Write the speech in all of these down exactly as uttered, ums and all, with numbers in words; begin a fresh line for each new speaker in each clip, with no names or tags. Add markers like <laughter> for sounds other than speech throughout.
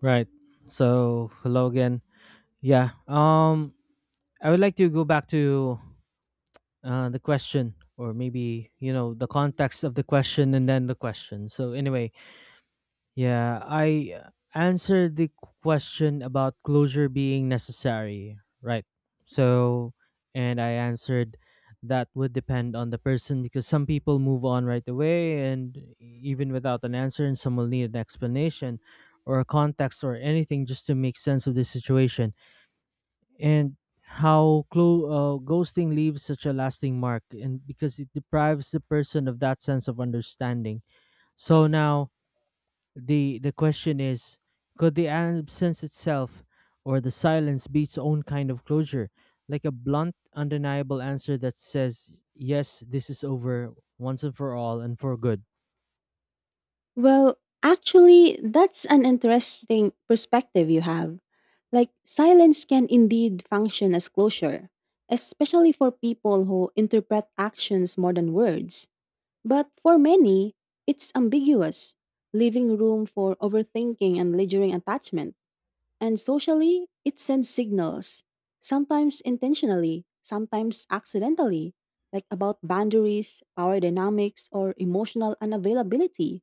Right. So hello again. Yeah. Um, I would like to go back to uh, the question, or maybe you know the context of the question and then the question. So anyway, yeah, I uh, answered the question about closure being necessary, right? So, and I answered that would depend on the person because some people move on right away and even without an answer, and some will need an explanation or a context or anything just to make sense of the situation. And how clo- uh, ghosting leaves such a lasting mark, and because it deprives the person of that sense of understanding. So now, the the question is, could the absence itself or the silence be its own kind of closure? Like a blunt, undeniable answer that says, "Yes, this is over once and for all and for good."
Well, actually, that's an interesting perspective you have. Like, silence can indeed function as closure, especially for people who interpret actions more than words. But for many, it's ambiguous, leaving room for overthinking and lingering attachment. And socially, it sends signals, sometimes intentionally, sometimes accidentally, like about boundaries, power dynamics, or emotional unavailability.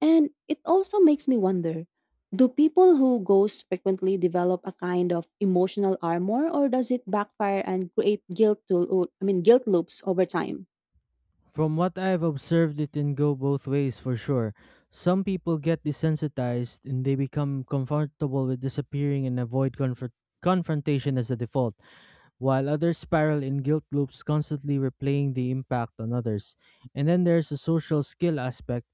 And it also makes me wonder, do people who ghost frequently develop a kind of emotional armor, or does it backfire and create guilt to, I mean guilt loops over time?
From what I've observed, it can go both ways for sure. Some people get desensitized and they become comfortable with disappearing and avoid confront confrontation as a default, while others spiral in guilt loops constantly replaying the impact on others. And then there's a social skill aspect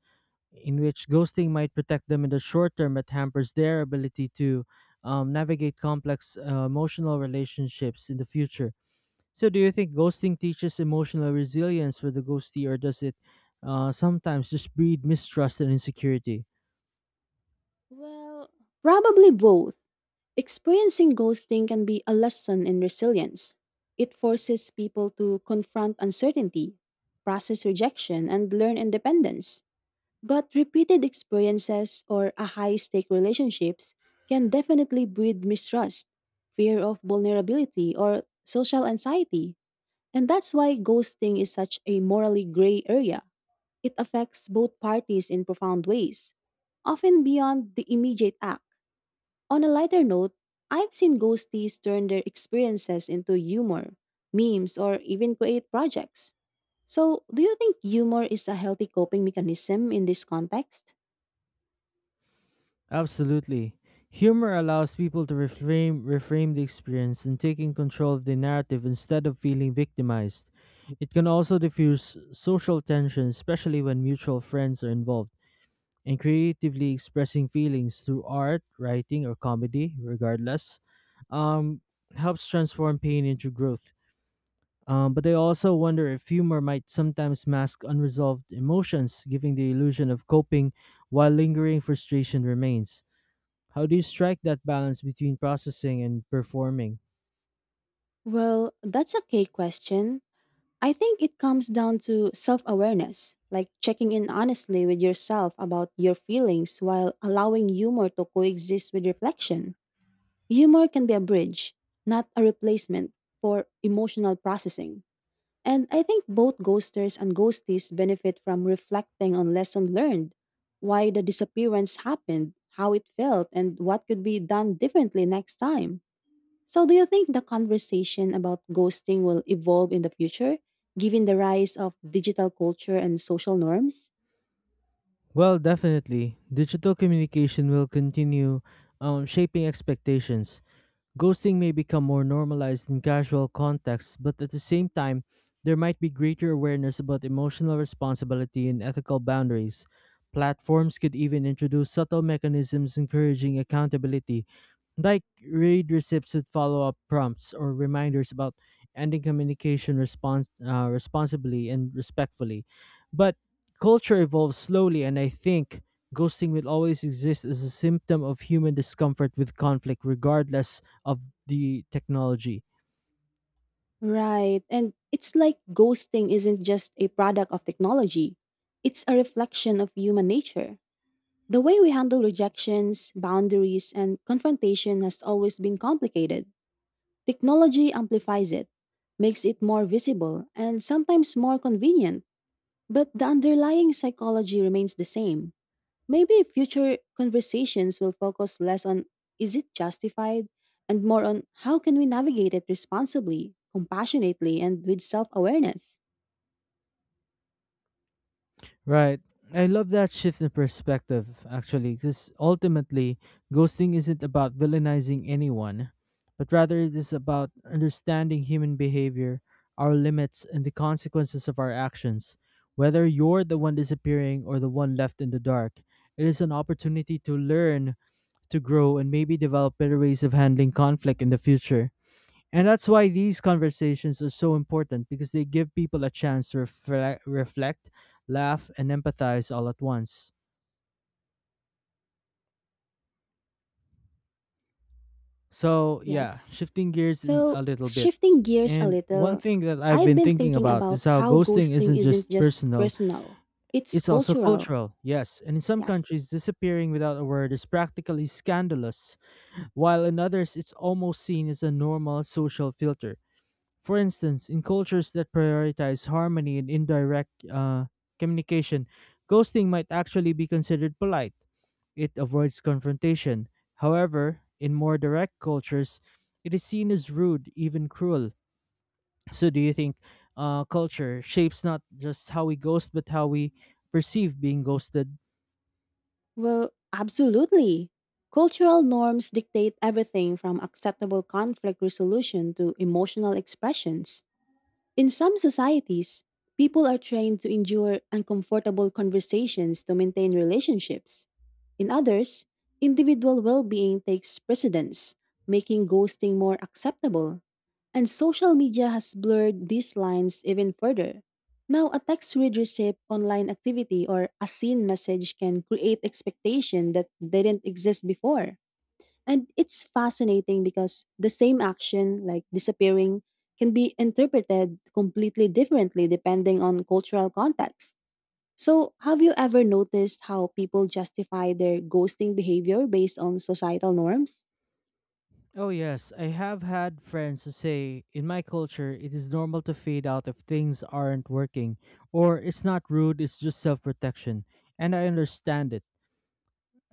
in which ghosting might protect them in the short term but hampers their ability to um, navigate complex uh, emotional relationships in the future. So, do you think ghosting teaches emotional resilience for the ghostee, or does it uh, sometimes just breed mistrust and insecurity?
Well, probably both. Experiencing ghosting can be a lesson in resilience. It forces people to confront uncertainty, process rejection, and learn independence. But repeated experiences or a high stake relationships can definitely breed mistrust, fear of vulnerability, or social anxiety. And that's why ghosting is such a morally gray area. It affects both parties in profound ways, often beyond the immediate act. On a lighter note, I've seen ghosties turn their experiences into humor, memes, or even create projects. So, do you think humor is a healthy coping mechanism in this context?
Absolutely. Humor allows people to reframe, reframe the experience and taking control of the narrative instead of feeling victimized. It can also diffuse social tension, especially when mutual friends are involved, and creatively expressing feelings through art, writing, or comedy, regardless, um, helps transform pain into growth. Um, but I also wonder if humor might sometimes mask unresolved emotions, giving the illusion of coping while lingering frustration remains. How do you strike that balance between processing and performing?
Well, that's a key question. I think it comes down to self awareness, like checking in honestly with yourself about your feelings while allowing humor to coexist with reflection. Humor can be a bridge, not a replacement for emotional processing. And I think both ghosters and ghosties benefit from reflecting on lessons learned, why the disappearance happened, how it felt, and what could be done differently next time. So, do you think the conversation about ghosting will evolve in the future, given the rise of digital culture and social norms?
Well, definitely. Digital communication will continue um, shaping expectations. Ghosting may become more normalized in casual contexts, but at the same time, there might be greater awareness about emotional responsibility and ethical boundaries. Platforms could even introduce subtle mechanisms encouraging accountability, like read receipts with follow up prompts or reminders about ending communication respons- uh, responsibly and respectfully. But culture evolves slowly, and I think ghosting will always exist as a symptom of human discomfort with conflict, regardless of the technology.
Right. And it's like ghosting isn't just a product of technology, it's a reflection of human nature. The way we handle rejections, boundaries, and confrontation has always been complicated. Technology amplifies it, makes it more visible, and sometimes more convenient. But the underlying psychology remains the same. Maybe future conversations will focus less on, is it justified, and more on, how can we navigate it responsibly, compassionately, and with self awareness.
Right. I love that shift in perspective, actually, because ultimately, ghosting isn't about villainizing anyone, but rather it is about understanding human behavior, our limits, and the consequences of our actions. Whether you're the one disappearing or the one left in the dark, it is an opportunity to learn, to grow, and maybe develop better ways of handling conflict in the future. And that's why these conversations are so important, because they give people a chance to reflect, reflect, laugh, and empathize all at once. So, yeah,
Yes.
shifting gears in a
So,
little bit.
shifting gears a
And one
little,
thing that I've
I've
been
been
thinking
thinking
about
about
is how
how
ghosting
ghosting
isn't
isn't
just
just
personal,
personal, it's
it's also
cultural.
cultural. Yes, and in some
Yes.
countries, disappearing without a word is practically scandalous, while in others, it's almost seen as a normal social filter. For instance, in cultures that prioritize harmony and indirect uh, communication, ghosting might actually be considered polite. It avoids confrontation. However, in more direct cultures, it is seen as rude, even cruel. So, do you think uh, culture shapes not just how we ghost, but how we perceive being ghosted?
Well, absolutely. Cultural norms dictate everything from acceptable conflict resolution to emotional expressions. In some societies, people are trained to endure uncomfortable conversations to maintain relationships. In others, individual well being takes precedence, making ghosting more acceptable. And social media has blurred these lines even further. Now, a text read receipt, online activity, or a seen message can create expectation that didn't exist before. And it's fascinating because the same action, like disappearing, can be interpreted completely differently depending on cultural context. So, have you ever noticed how people justify their ghosting behavior based on societal norms?
Oh, yes. I have had friends who say, in my culture, it is normal to fade out if things aren't working, or it's not rude, it's just self protection. And I understand it.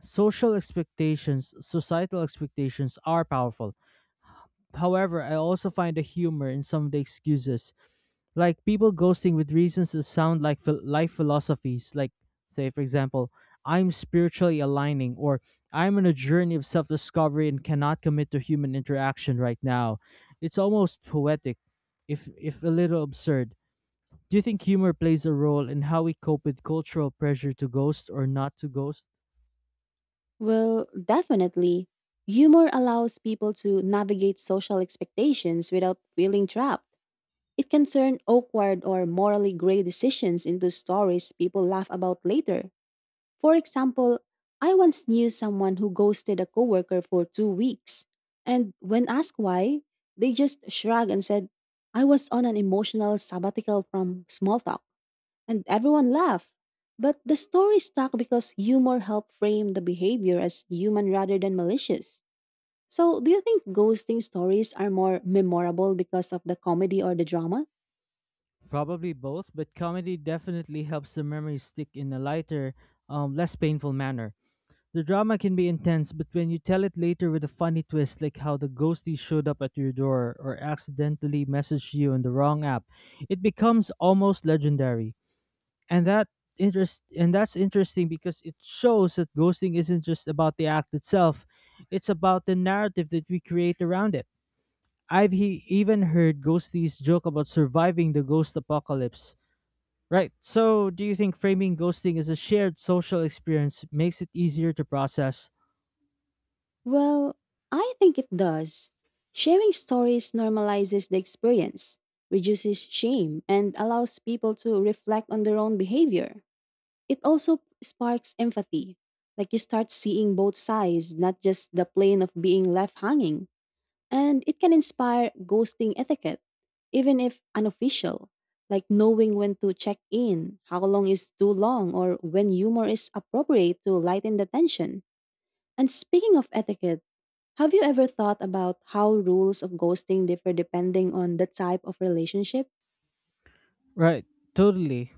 Social expectations, societal expectations are powerful. However, I also find the humor in some of the excuses, like people ghosting with reasons that sound like phil- life philosophies, like say for example, "I'm spiritually aligning," or, "I'm on a journey of self-discovery and cannot commit to human interaction right now." It's almost poetic, if if a little absurd. Do you think humor plays a role in how we cope with cultural pressure to ghost or not to ghost?
Well, definitely. Humor allows people to navigate social expectations without feeling trapped. It can turn awkward or morally gray decisions into stories people laugh about later. For example, I once knew someone who ghosted a coworker for two weeks. And when asked why, they just shrugged and said, I was on an emotional sabbatical from small talk. And everyone laughed. But the story stuck because humor helped frame the behavior as human rather than malicious. So, do you think ghosting stories are more memorable because of the comedy or the drama?
Probably both, but comedy definitely helps the memory stick in a lighter, um, less painful manner. The drama can be intense, but when you tell it later with a funny twist, like how the ghostie showed up at your door or accidentally messaged you on the wrong app, it becomes almost legendary. And that interest and that's interesting because it shows that ghosting isn't just about the act itself; it's about the narrative that we create around it. I've he- even heard ghosties joke about surviving the ghost apocalypse. Right. So, do you think framing ghosting as a shared social experience makes it easier to process?
Well, I think it does. Sharing stories normalizes the experience, reduces shame, and allows people to reflect on their own behavior. It also sparks empathy, like you start seeing both sides, not just the plane of being left hanging. And it can inspire ghosting etiquette, even if unofficial, like knowing when to check in, how long is too long, or when humor is appropriate to lighten the tension. And speaking of etiquette, have you ever thought about how rules of ghosting differ depending on the type of relationship?
Right, totally.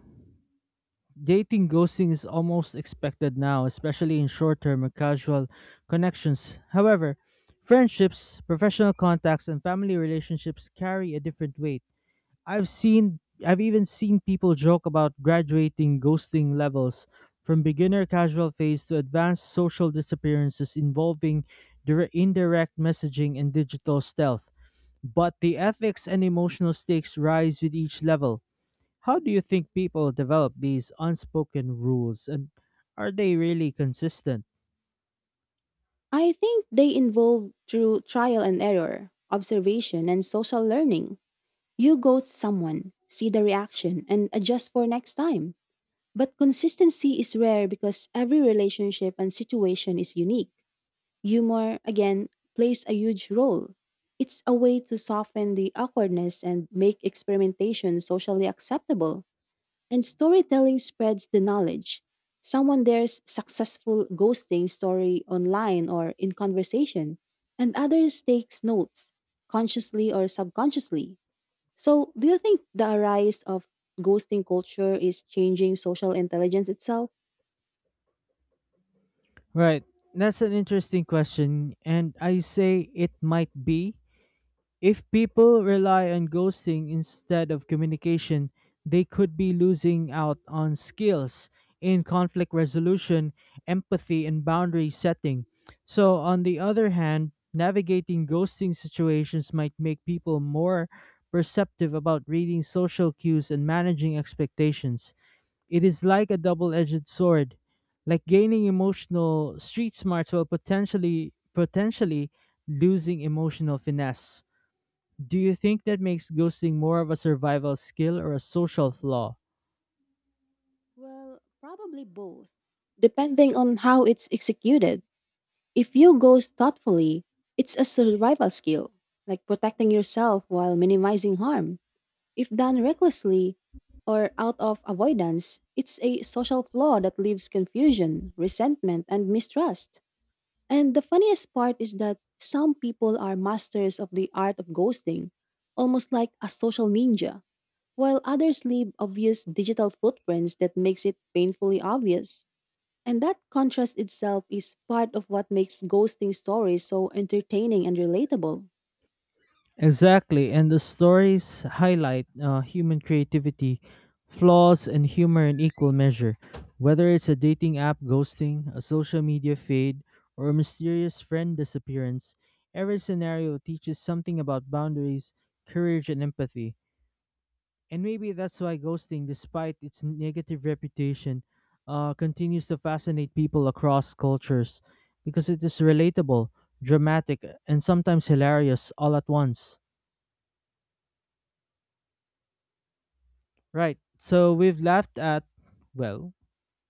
Dating ghosting is almost expected now, especially in short term or casual connections. However, friendships, professional contacts, and family relationships carry a different weight. I've seen I've even seen people joke about graduating ghosting levels, from beginner casual phase to advanced social disappearances involving dire- indirect messaging and digital stealth. But the ethics and emotional stakes rise with each level. How do you think people develop these unspoken rules, and are they really consistent?
I think they involve through trial and error, observation, and social learning. You ghost someone, see the reaction, and adjust for next time. But consistency is rare because every relationship and situation is unique. Humor, again, plays a huge role. It's a way to soften the awkwardness and make experimentation socially acceptable. And storytelling spreads the knowledge. Someone dares successful ghosting story online or in conversation, and others takes notes, consciously or subconsciously. So, do you think the rise of ghosting culture is changing social intelligence itself?
Right. That's an interesting question, and I say it might be. If people rely on ghosting instead of communication, they could be losing out on skills in conflict resolution, empathy, and boundary setting. So, on the other hand, navigating ghosting situations might make people more perceptive about reading social cues and managing expectations. It is like a double edged sword, like gaining emotional street smarts while potentially potentially losing emotional finesse. Do you think that makes ghosting more of a survival skill or a social flaw?
Well, probably both, depending on how it's executed. If you ghost thoughtfully, it's a survival skill, like protecting yourself while minimizing harm. If done recklessly or out of avoidance, it's a social flaw that leaves confusion, resentment, and mistrust. And the funniest part is that some people are masters of the art of ghosting, almost like a social ninja, while others leave obvious digital footprints that makes it painfully obvious. And that contrast itself is part of what makes ghosting stories so entertaining and relatable.
Exactly, and the stories highlight uh, human creativity, flaws, and humor in equal measure. Whether it's a dating app ghosting, a social media fade, or a mysterious friend disappearance, every scenario teaches something about boundaries, courage, and empathy. And maybe that's why ghosting, despite its negative reputation, uh, continues to fascinate people across cultures, because it is relatable, dramatic, and sometimes hilarious all at once. Right. So we've laughed at, well,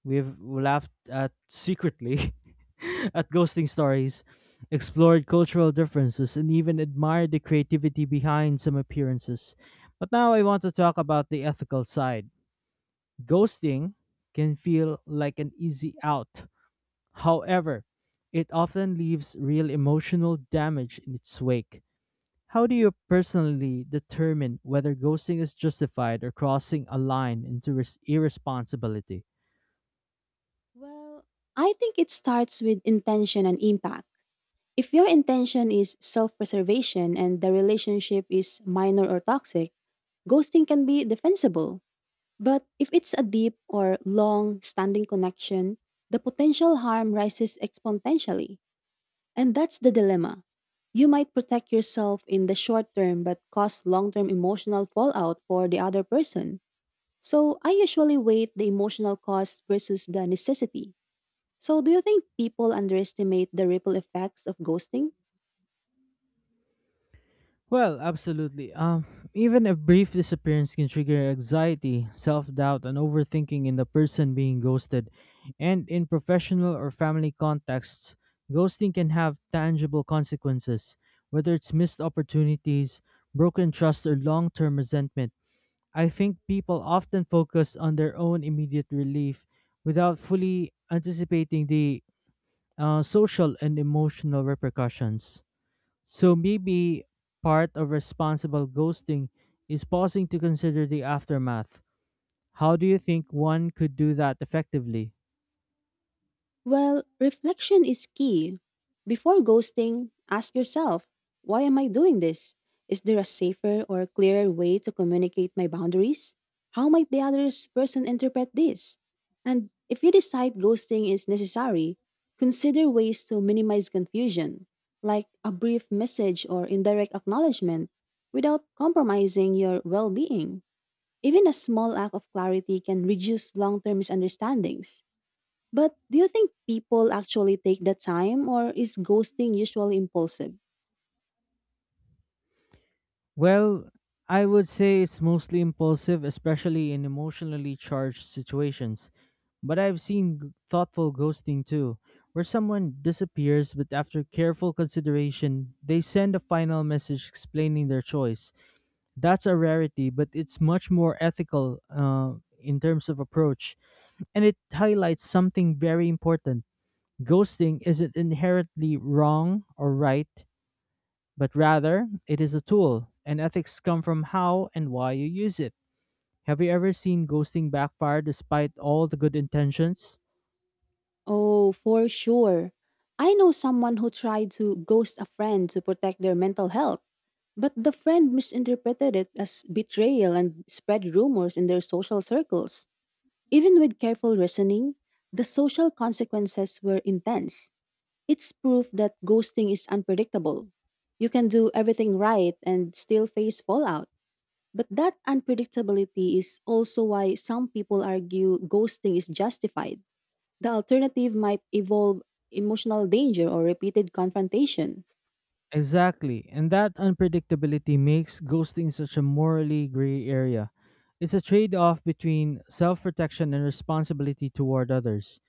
we've laughed at secretly <laughs> at ghosting stories, explored cultural differences, and even admired the creativity behind some appearances. But now I want to talk about the ethical side. Ghosting can feel like an easy out. However, it often leaves real emotional damage in its wake. How do you personally determine whether ghosting is justified or crossing a line into res- irresponsibility?
Well, I think it starts with intention and impact. If your intention is self preservation and the relationship is minor or toxic, ghosting can be defensible. But if it's a deep or long standing connection, the potential harm rises exponentially. And that's the dilemma. You might protect yourself in the short term but cause long term emotional fallout for the other person. So I usually weigh the emotional cost versus the necessity. So do you think people underestimate the ripple effects of ghosting?
Well, absolutely. Um, even a brief disappearance can trigger anxiety, self doubt, and overthinking in the person being ghosted. And in professional or family contexts, ghosting can have tangible consequences, whether it's missed opportunities, broken trust, or long term resentment. I think people often focus on their own immediate relief without fully anticipating the uh, social and emotional repercussions. So maybe part of responsible ghosting is pausing to consider the aftermath. How do you think one could do that effectively?
Well, reflection is key. Before ghosting, ask yourself, why am I doing this? Is there a safer or clearer way to communicate my boundaries? How might the other person interpret this? And if you decide ghosting is necessary, consider ways to minimize confusion, like a brief message or indirect acknowledgement, without compromising your well being. Even a small act of clarity can reduce long term misunderstandings. But do you think people actually take the time or is ghosting usually impulsive?
Well, I would say it's mostly impulsive, especially in emotionally charged situations. But I've seen g- thoughtful ghosting too, where someone disappears but after careful consideration, they send a final message explaining their choice. That's a rarity, but it's much more ethical uh, in terms of approach. And it highlights something very important. Ghosting isn't inherently wrong or right, but rather it is a tool, and ethics come from how and why you use it. Have you ever seen ghosting backfire despite all the good intentions?
Oh, for sure. I know someone who tried to ghost a friend to protect their mental health, but the friend misinterpreted it as betrayal and spread rumors in their social circles. Even with careful reasoning, the social consequences were intense. It's proof that ghosting is unpredictable. You can do everything right and still face fallout. But that unpredictability is also why some people argue ghosting is justified. The alternative might involve emotional danger or repeated confrontation.
Exactly, and that unpredictability makes ghosting such a morally gray area. It's a trade off between self protection and responsibility toward others.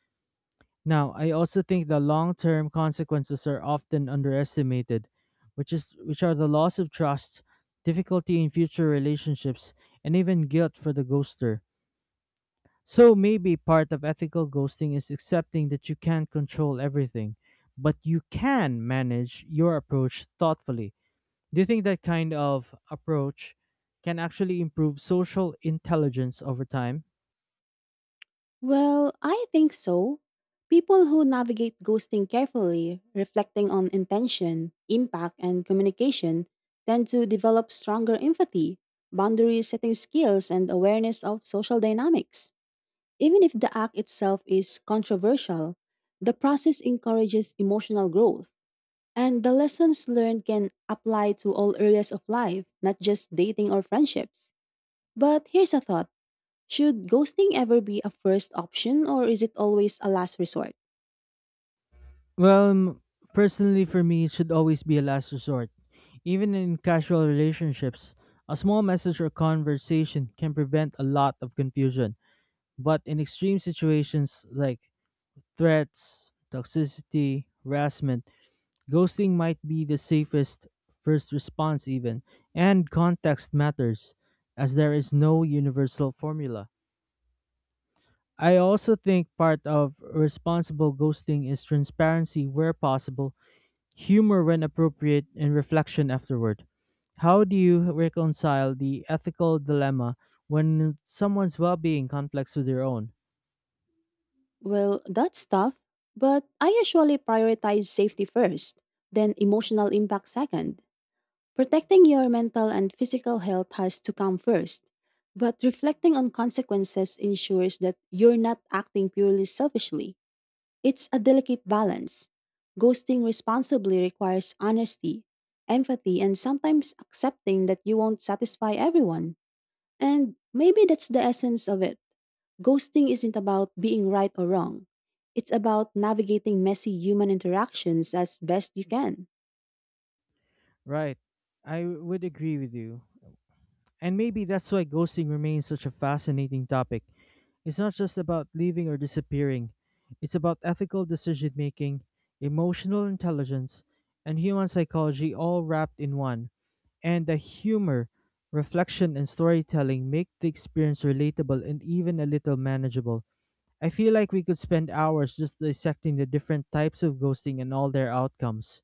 Now, I also think the long-term consequences are often underestimated, which is which are the loss of trust, difficulty in future relationships, and even guilt for the ghoster. So maybe part of ethical ghosting is accepting that you can't control everything, but you can manage your approach thoughtfully. Do you think that kind of approach can actually improve social intelligence over time?
Well, I think so. People who navigate ghosting carefully, reflecting on intention, impact, and communication, tend to develop stronger empathy, boundary setting skills, and awareness of social dynamics. Even if the act itself is controversial, the process encourages emotional growth. And the lessons learned can apply to all areas of life, not just dating or friendships. But here's a thought. Should ghosting ever be a first option, or is it always a last resort?
Well, m- personally for me, it should always be a last resort. Even in casual relationships, a small message or conversation can prevent a lot of confusion. But in extreme situations like threats, toxicity, harassment, ghosting might be the safest first response, even. And context matters, as there is no universal formula. I also think part of responsible ghosting is transparency where possible, humor when appropriate, and reflection afterward. How do you reconcile the ethical dilemma when someone's well being conflicts with your own?
Well, that's tough, but I usually prioritize safety first, then emotional impact second. Protecting your mental and physical health has to come first. But reflecting on consequences ensures that you're not acting purely selfishly. It's a delicate balance. Ghosting responsibly requires honesty, empathy, and sometimes accepting that you won't satisfy everyone. And maybe that's the essence of it. Ghosting isn't about being right or wrong, it's about navigating messy human interactions as best you can.
Right. I would agree with you. And maybe that's why ghosting remains such a fascinating topic. It's not just about leaving or disappearing, it's about ethical decision making, emotional intelligence, and human psychology all wrapped in one. And the humor, reflection, and storytelling make the experience relatable and even a little manageable. I feel like we could spend hours just dissecting the different types of ghosting and all their outcomes.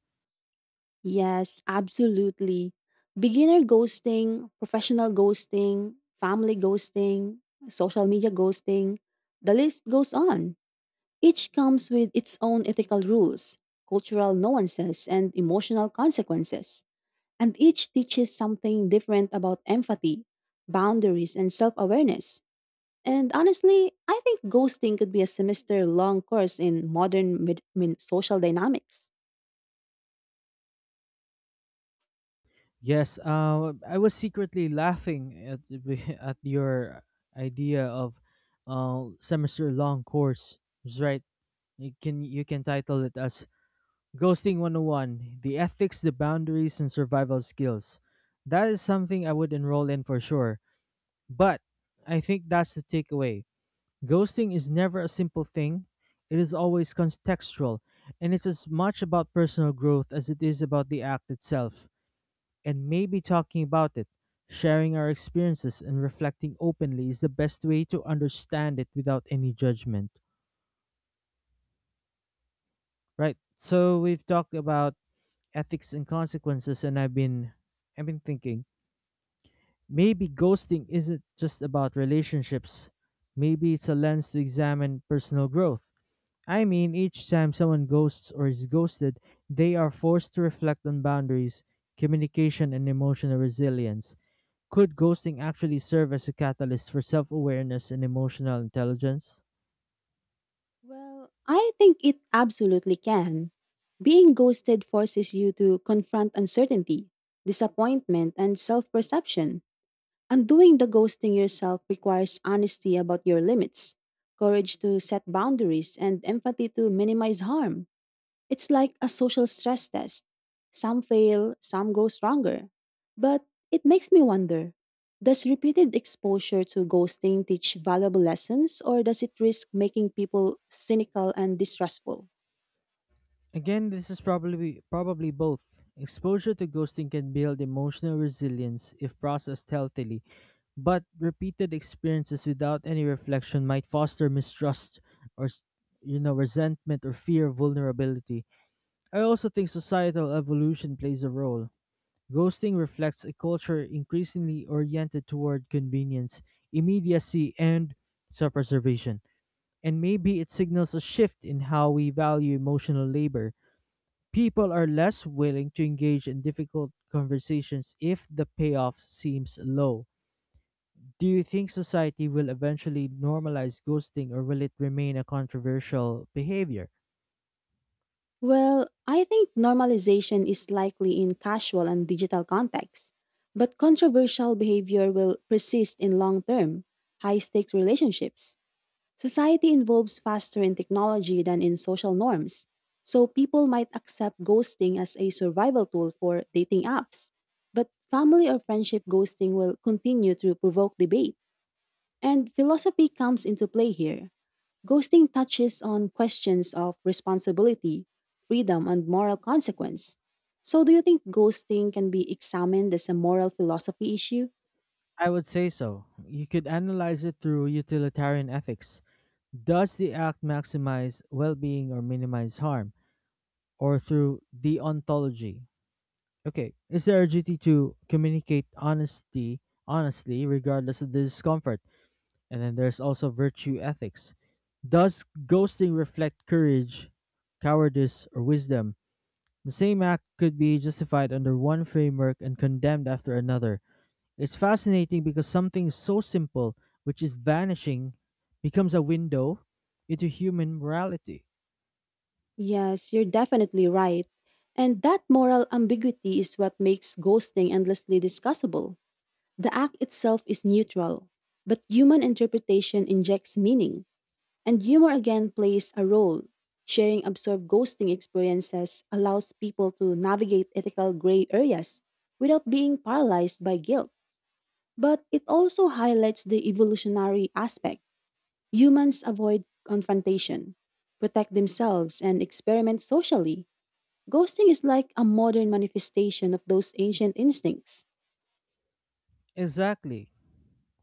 Yes, absolutely. Beginner ghosting, professional ghosting, family ghosting, social media ghosting, the list goes on. Each comes with its own ethical rules, cultural nuances, and emotional consequences, and each teaches something different about empathy, boundaries, and self awareness. And honestly, I think ghosting could be a semester long course in modern mid- min- social dynamics.
Yes, um, I was secretly laughing at the <laughs> at your idea of uh, semester long course. That's right. You can you can title it as Ghosting one oh one, the ethics, the boundaries and survival skills. That is something I would enroll in for sure. But I think that's the takeaway. Ghosting is never a simple thing. It is always contextual, and it's as much about personal growth as it is about the act itself and maybe talking about it, sharing our experiences, and reflecting openly is the best way to understand it without any judgment. Right? So we've talked about ethics and consequences, and I've been, I've been thinking maybe ghosting isn't just about relationships. Maybe it's a lens to examine personal growth. I mean, each time someone ghosts or is ghosted, they are forced to reflect on boundaries, communication, and emotional resilience. Could ghosting actually serve as a catalyst for self-awareness and emotional intelligence?
Well, I think it absolutely can. Being ghosted forces you to confront uncertainty, disappointment, and self perception. Undoing the ghosting yourself requires honesty about your limits, courage to set boundaries, and empathy to minimize harm. It's like a social stress test. Some fail, some grow stronger. But it makes me wonder, does repeated exposure to ghosting teach valuable lessons, or does it risk making people cynical and distrustful?
Again, this is probably probably both. Exposure to ghosting can build emotional resilience if processed healthily, but repeated experiences without any reflection might foster mistrust or s- you know resentment or fear of vulnerability. I also think societal evolution plays a role. Ghosting reflects a culture increasingly oriented toward convenience, immediacy, and self-preservation. And maybe it signals a shift in how we value emotional labor. People are less willing to engage in difficult conversations if the payoff seems low. Do you think society will eventually normalize ghosting or will it remain a controversial behavior?
Well, I think normalization is likely in casual and digital contexts, but controversial behavior will persist in long term, high stake relationships. Society evolves faster in technology than in social norms, so people might accept ghosting as a survival tool for dating apps. But family or friendship ghosting will continue to provoke debate, and philosophy comes into play here. Ghosting touches on questions of responsibility, freedom, and moral consequence. So, do you think ghosting can be examined as a moral philosophy issue?
I would say so. You could analyze it through utilitarian ethics. Does the act maximize well being or minimize harm? Or through deontology, okay. Is there a duty to communicate honesty honestly, regardless of the discomfort? And then there's also virtue ethics. Does ghosting reflect courage, cowardice, or wisdom? The same act could be justified under one framework and condemned after another. It's fascinating because something so simple, which is vanishing, becomes a window into human morality.
Yes, you're definitely right. And that moral ambiguity is what makes ghosting endlessly discussable. The act itself is neutral, but human interpretation injects meaning. And humor again plays a role. Sharing absurd ghosting experiences allows people to navigate ethical gray areas without being paralyzed by guilt. But it also highlights the evolutionary aspect. Humans avoid confrontation, protect themselves, and experiment socially. Ghosting is like a modern manifestation of those ancient instincts.
Exactly.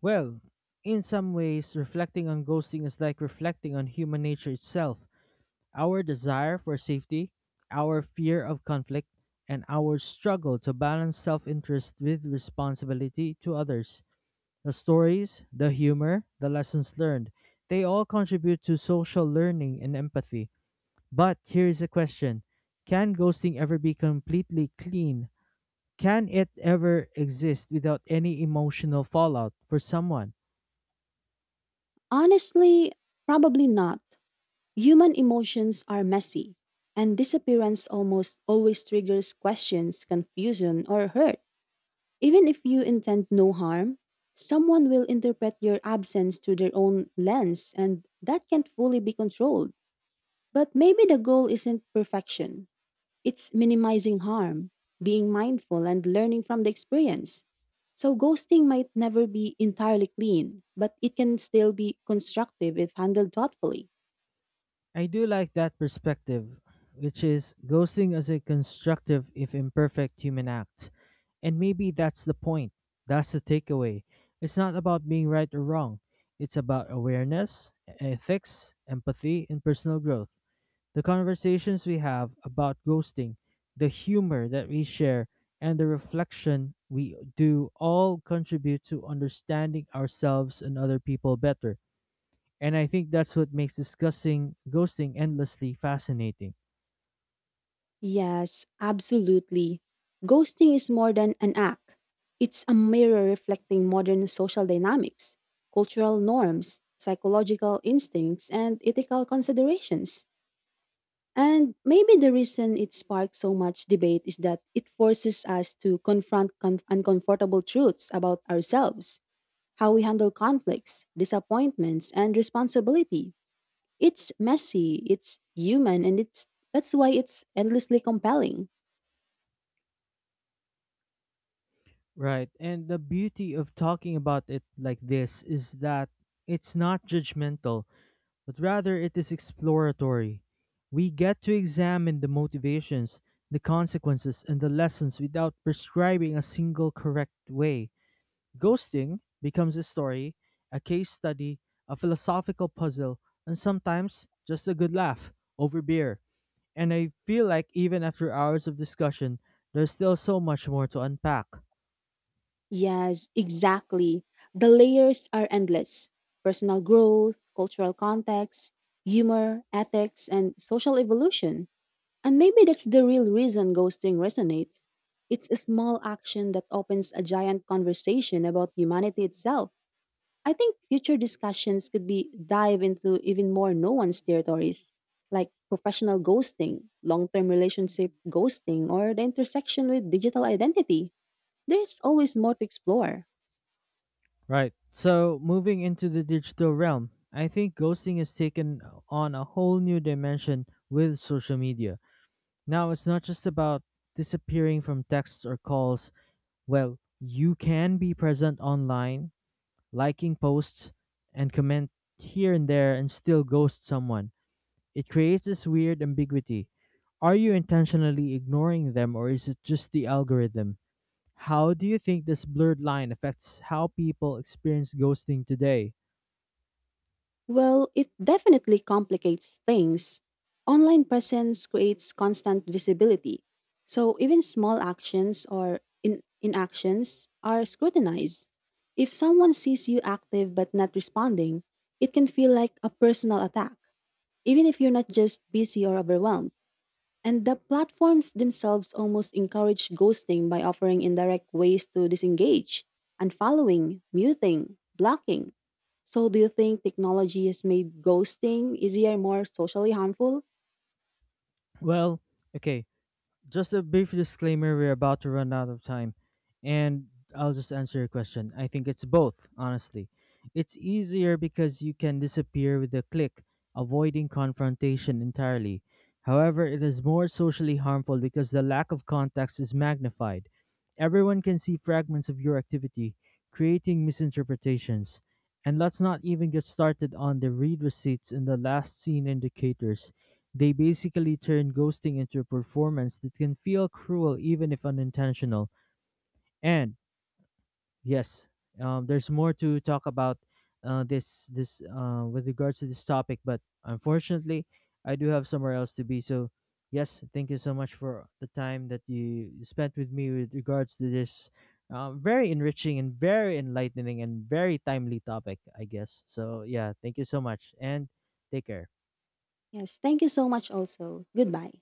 Well, in some ways, reflecting on ghosting is like reflecting on human nature itself. Our desire for safety, our fear of conflict, and our struggle to balance self interest with responsibility to others. The stories, the humor, the lessons learned, they all contribute to social learning and empathy. But here is a question. Can ghosting ever be completely clean? Can it ever exist without any emotional fallout for someone?
Honestly, probably not. Human emotions are messy, and disappearance almost always triggers questions, confusion, or hurt. Even if you intend no harm, someone will interpret your absence through their own lens, and that can't fully be controlled. But maybe the goal isn't perfection, it's minimizing harm, being mindful, and learning from the experience. So, ghosting might never be entirely clean, but it can still be constructive if handled thoughtfully.
I do like that perspective, which is ghosting as a constructive, if imperfect, human act. And maybe that's the point. That's the takeaway. It's not about being right or wrong, it's about awareness, e-, ethics, empathy, and personal growth. The conversations we have about ghosting, the humor that we share, and the reflection we do all contribute to understanding ourselves and other people better. And I think that's what makes discussing ghosting endlessly fascinating.
Yes, absolutely. Ghosting is more than an act. It's a mirror reflecting modern social dynamics, cultural norms, psychological instincts, and ethical considerations. And maybe the reason it sparks so much debate is that it forces us to confront con- uncomfortable truths about ourselves, how we handle conflicts, disappointments, and responsibility. It's messy, it's human, and it's that's why it's endlessly compelling.
Right. And the beauty of talking about it like this is that it's not judgmental, but rather it is exploratory. We get to examine the motivations, the consequences, and the lessons without prescribing a single correct way. Ghosting becomes a story, a case study, a philosophical puzzle, and sometimes just a good laugh over beer. And I feel like even after hours of discussion, there's still so much more to unpack.
Yes, exactly. The layers are endless, personal growth, cultural context, humor, ethics, and social evolution. And maybe that's the real reason ghosting resonates. It's a small action that opens a giant conversation about humanity itself. I think future discussions could be dive into even more no-one's territories, like professional ghosting, long-term relationship ghosting, or the intersection with digital identity. There's always more to explore.
Right. So, moving into the digital realm, I think ghosting has taken on a whole new dimension with social media. Now, it's not just about disappearing from texts or calls. Well, you can be present online, liking posts, and comment here and there and still ghost someone. It creates this weird ambiguity. Are you intentionally ignoring them or is it just the algorithm? How do you think this blurred line affects how people experience ghosting today?
Well, it definitely complicates things. Online presence creates constant visibility, so even small actions or in- inactions are scrutinized. If someone sees you active but not responding, it can feel like a personal attack, even if you're not just busy or overwhelmed. And the platforms themselves almost encourage ghosting by offering indirect ways to disengage, unfollowing, muting, blocking. So, do you think technology has made ghosting easier, more socially harmful?
Well, okay, just a brief disclaimer, we're about to run out of time. And I'll just answer your question. I think it's both, honestly. It's easier because you can disappear with a click, avoiding confrontation entirely. However, it is more socially harmful because the lack of context is magnified. Everyone can see fragments of your activity, creating misinterpretations. And let's not even get started on the read receipts and the last seen indicators. They basically turn ghosting into a performance that can feel cruel even if unintentional. And yes, um, there's more to talk about uh, this this uh, with regards to this topic, but unfortunately, I do have somewhere else to be. So yes, thank you so much for the time that you spent with me with regards to this uh, very enriching and very enlightening and very timely topic, I guess. So yeah, thank you so much and take care.
Yes, thank you so much, also. Goodbye.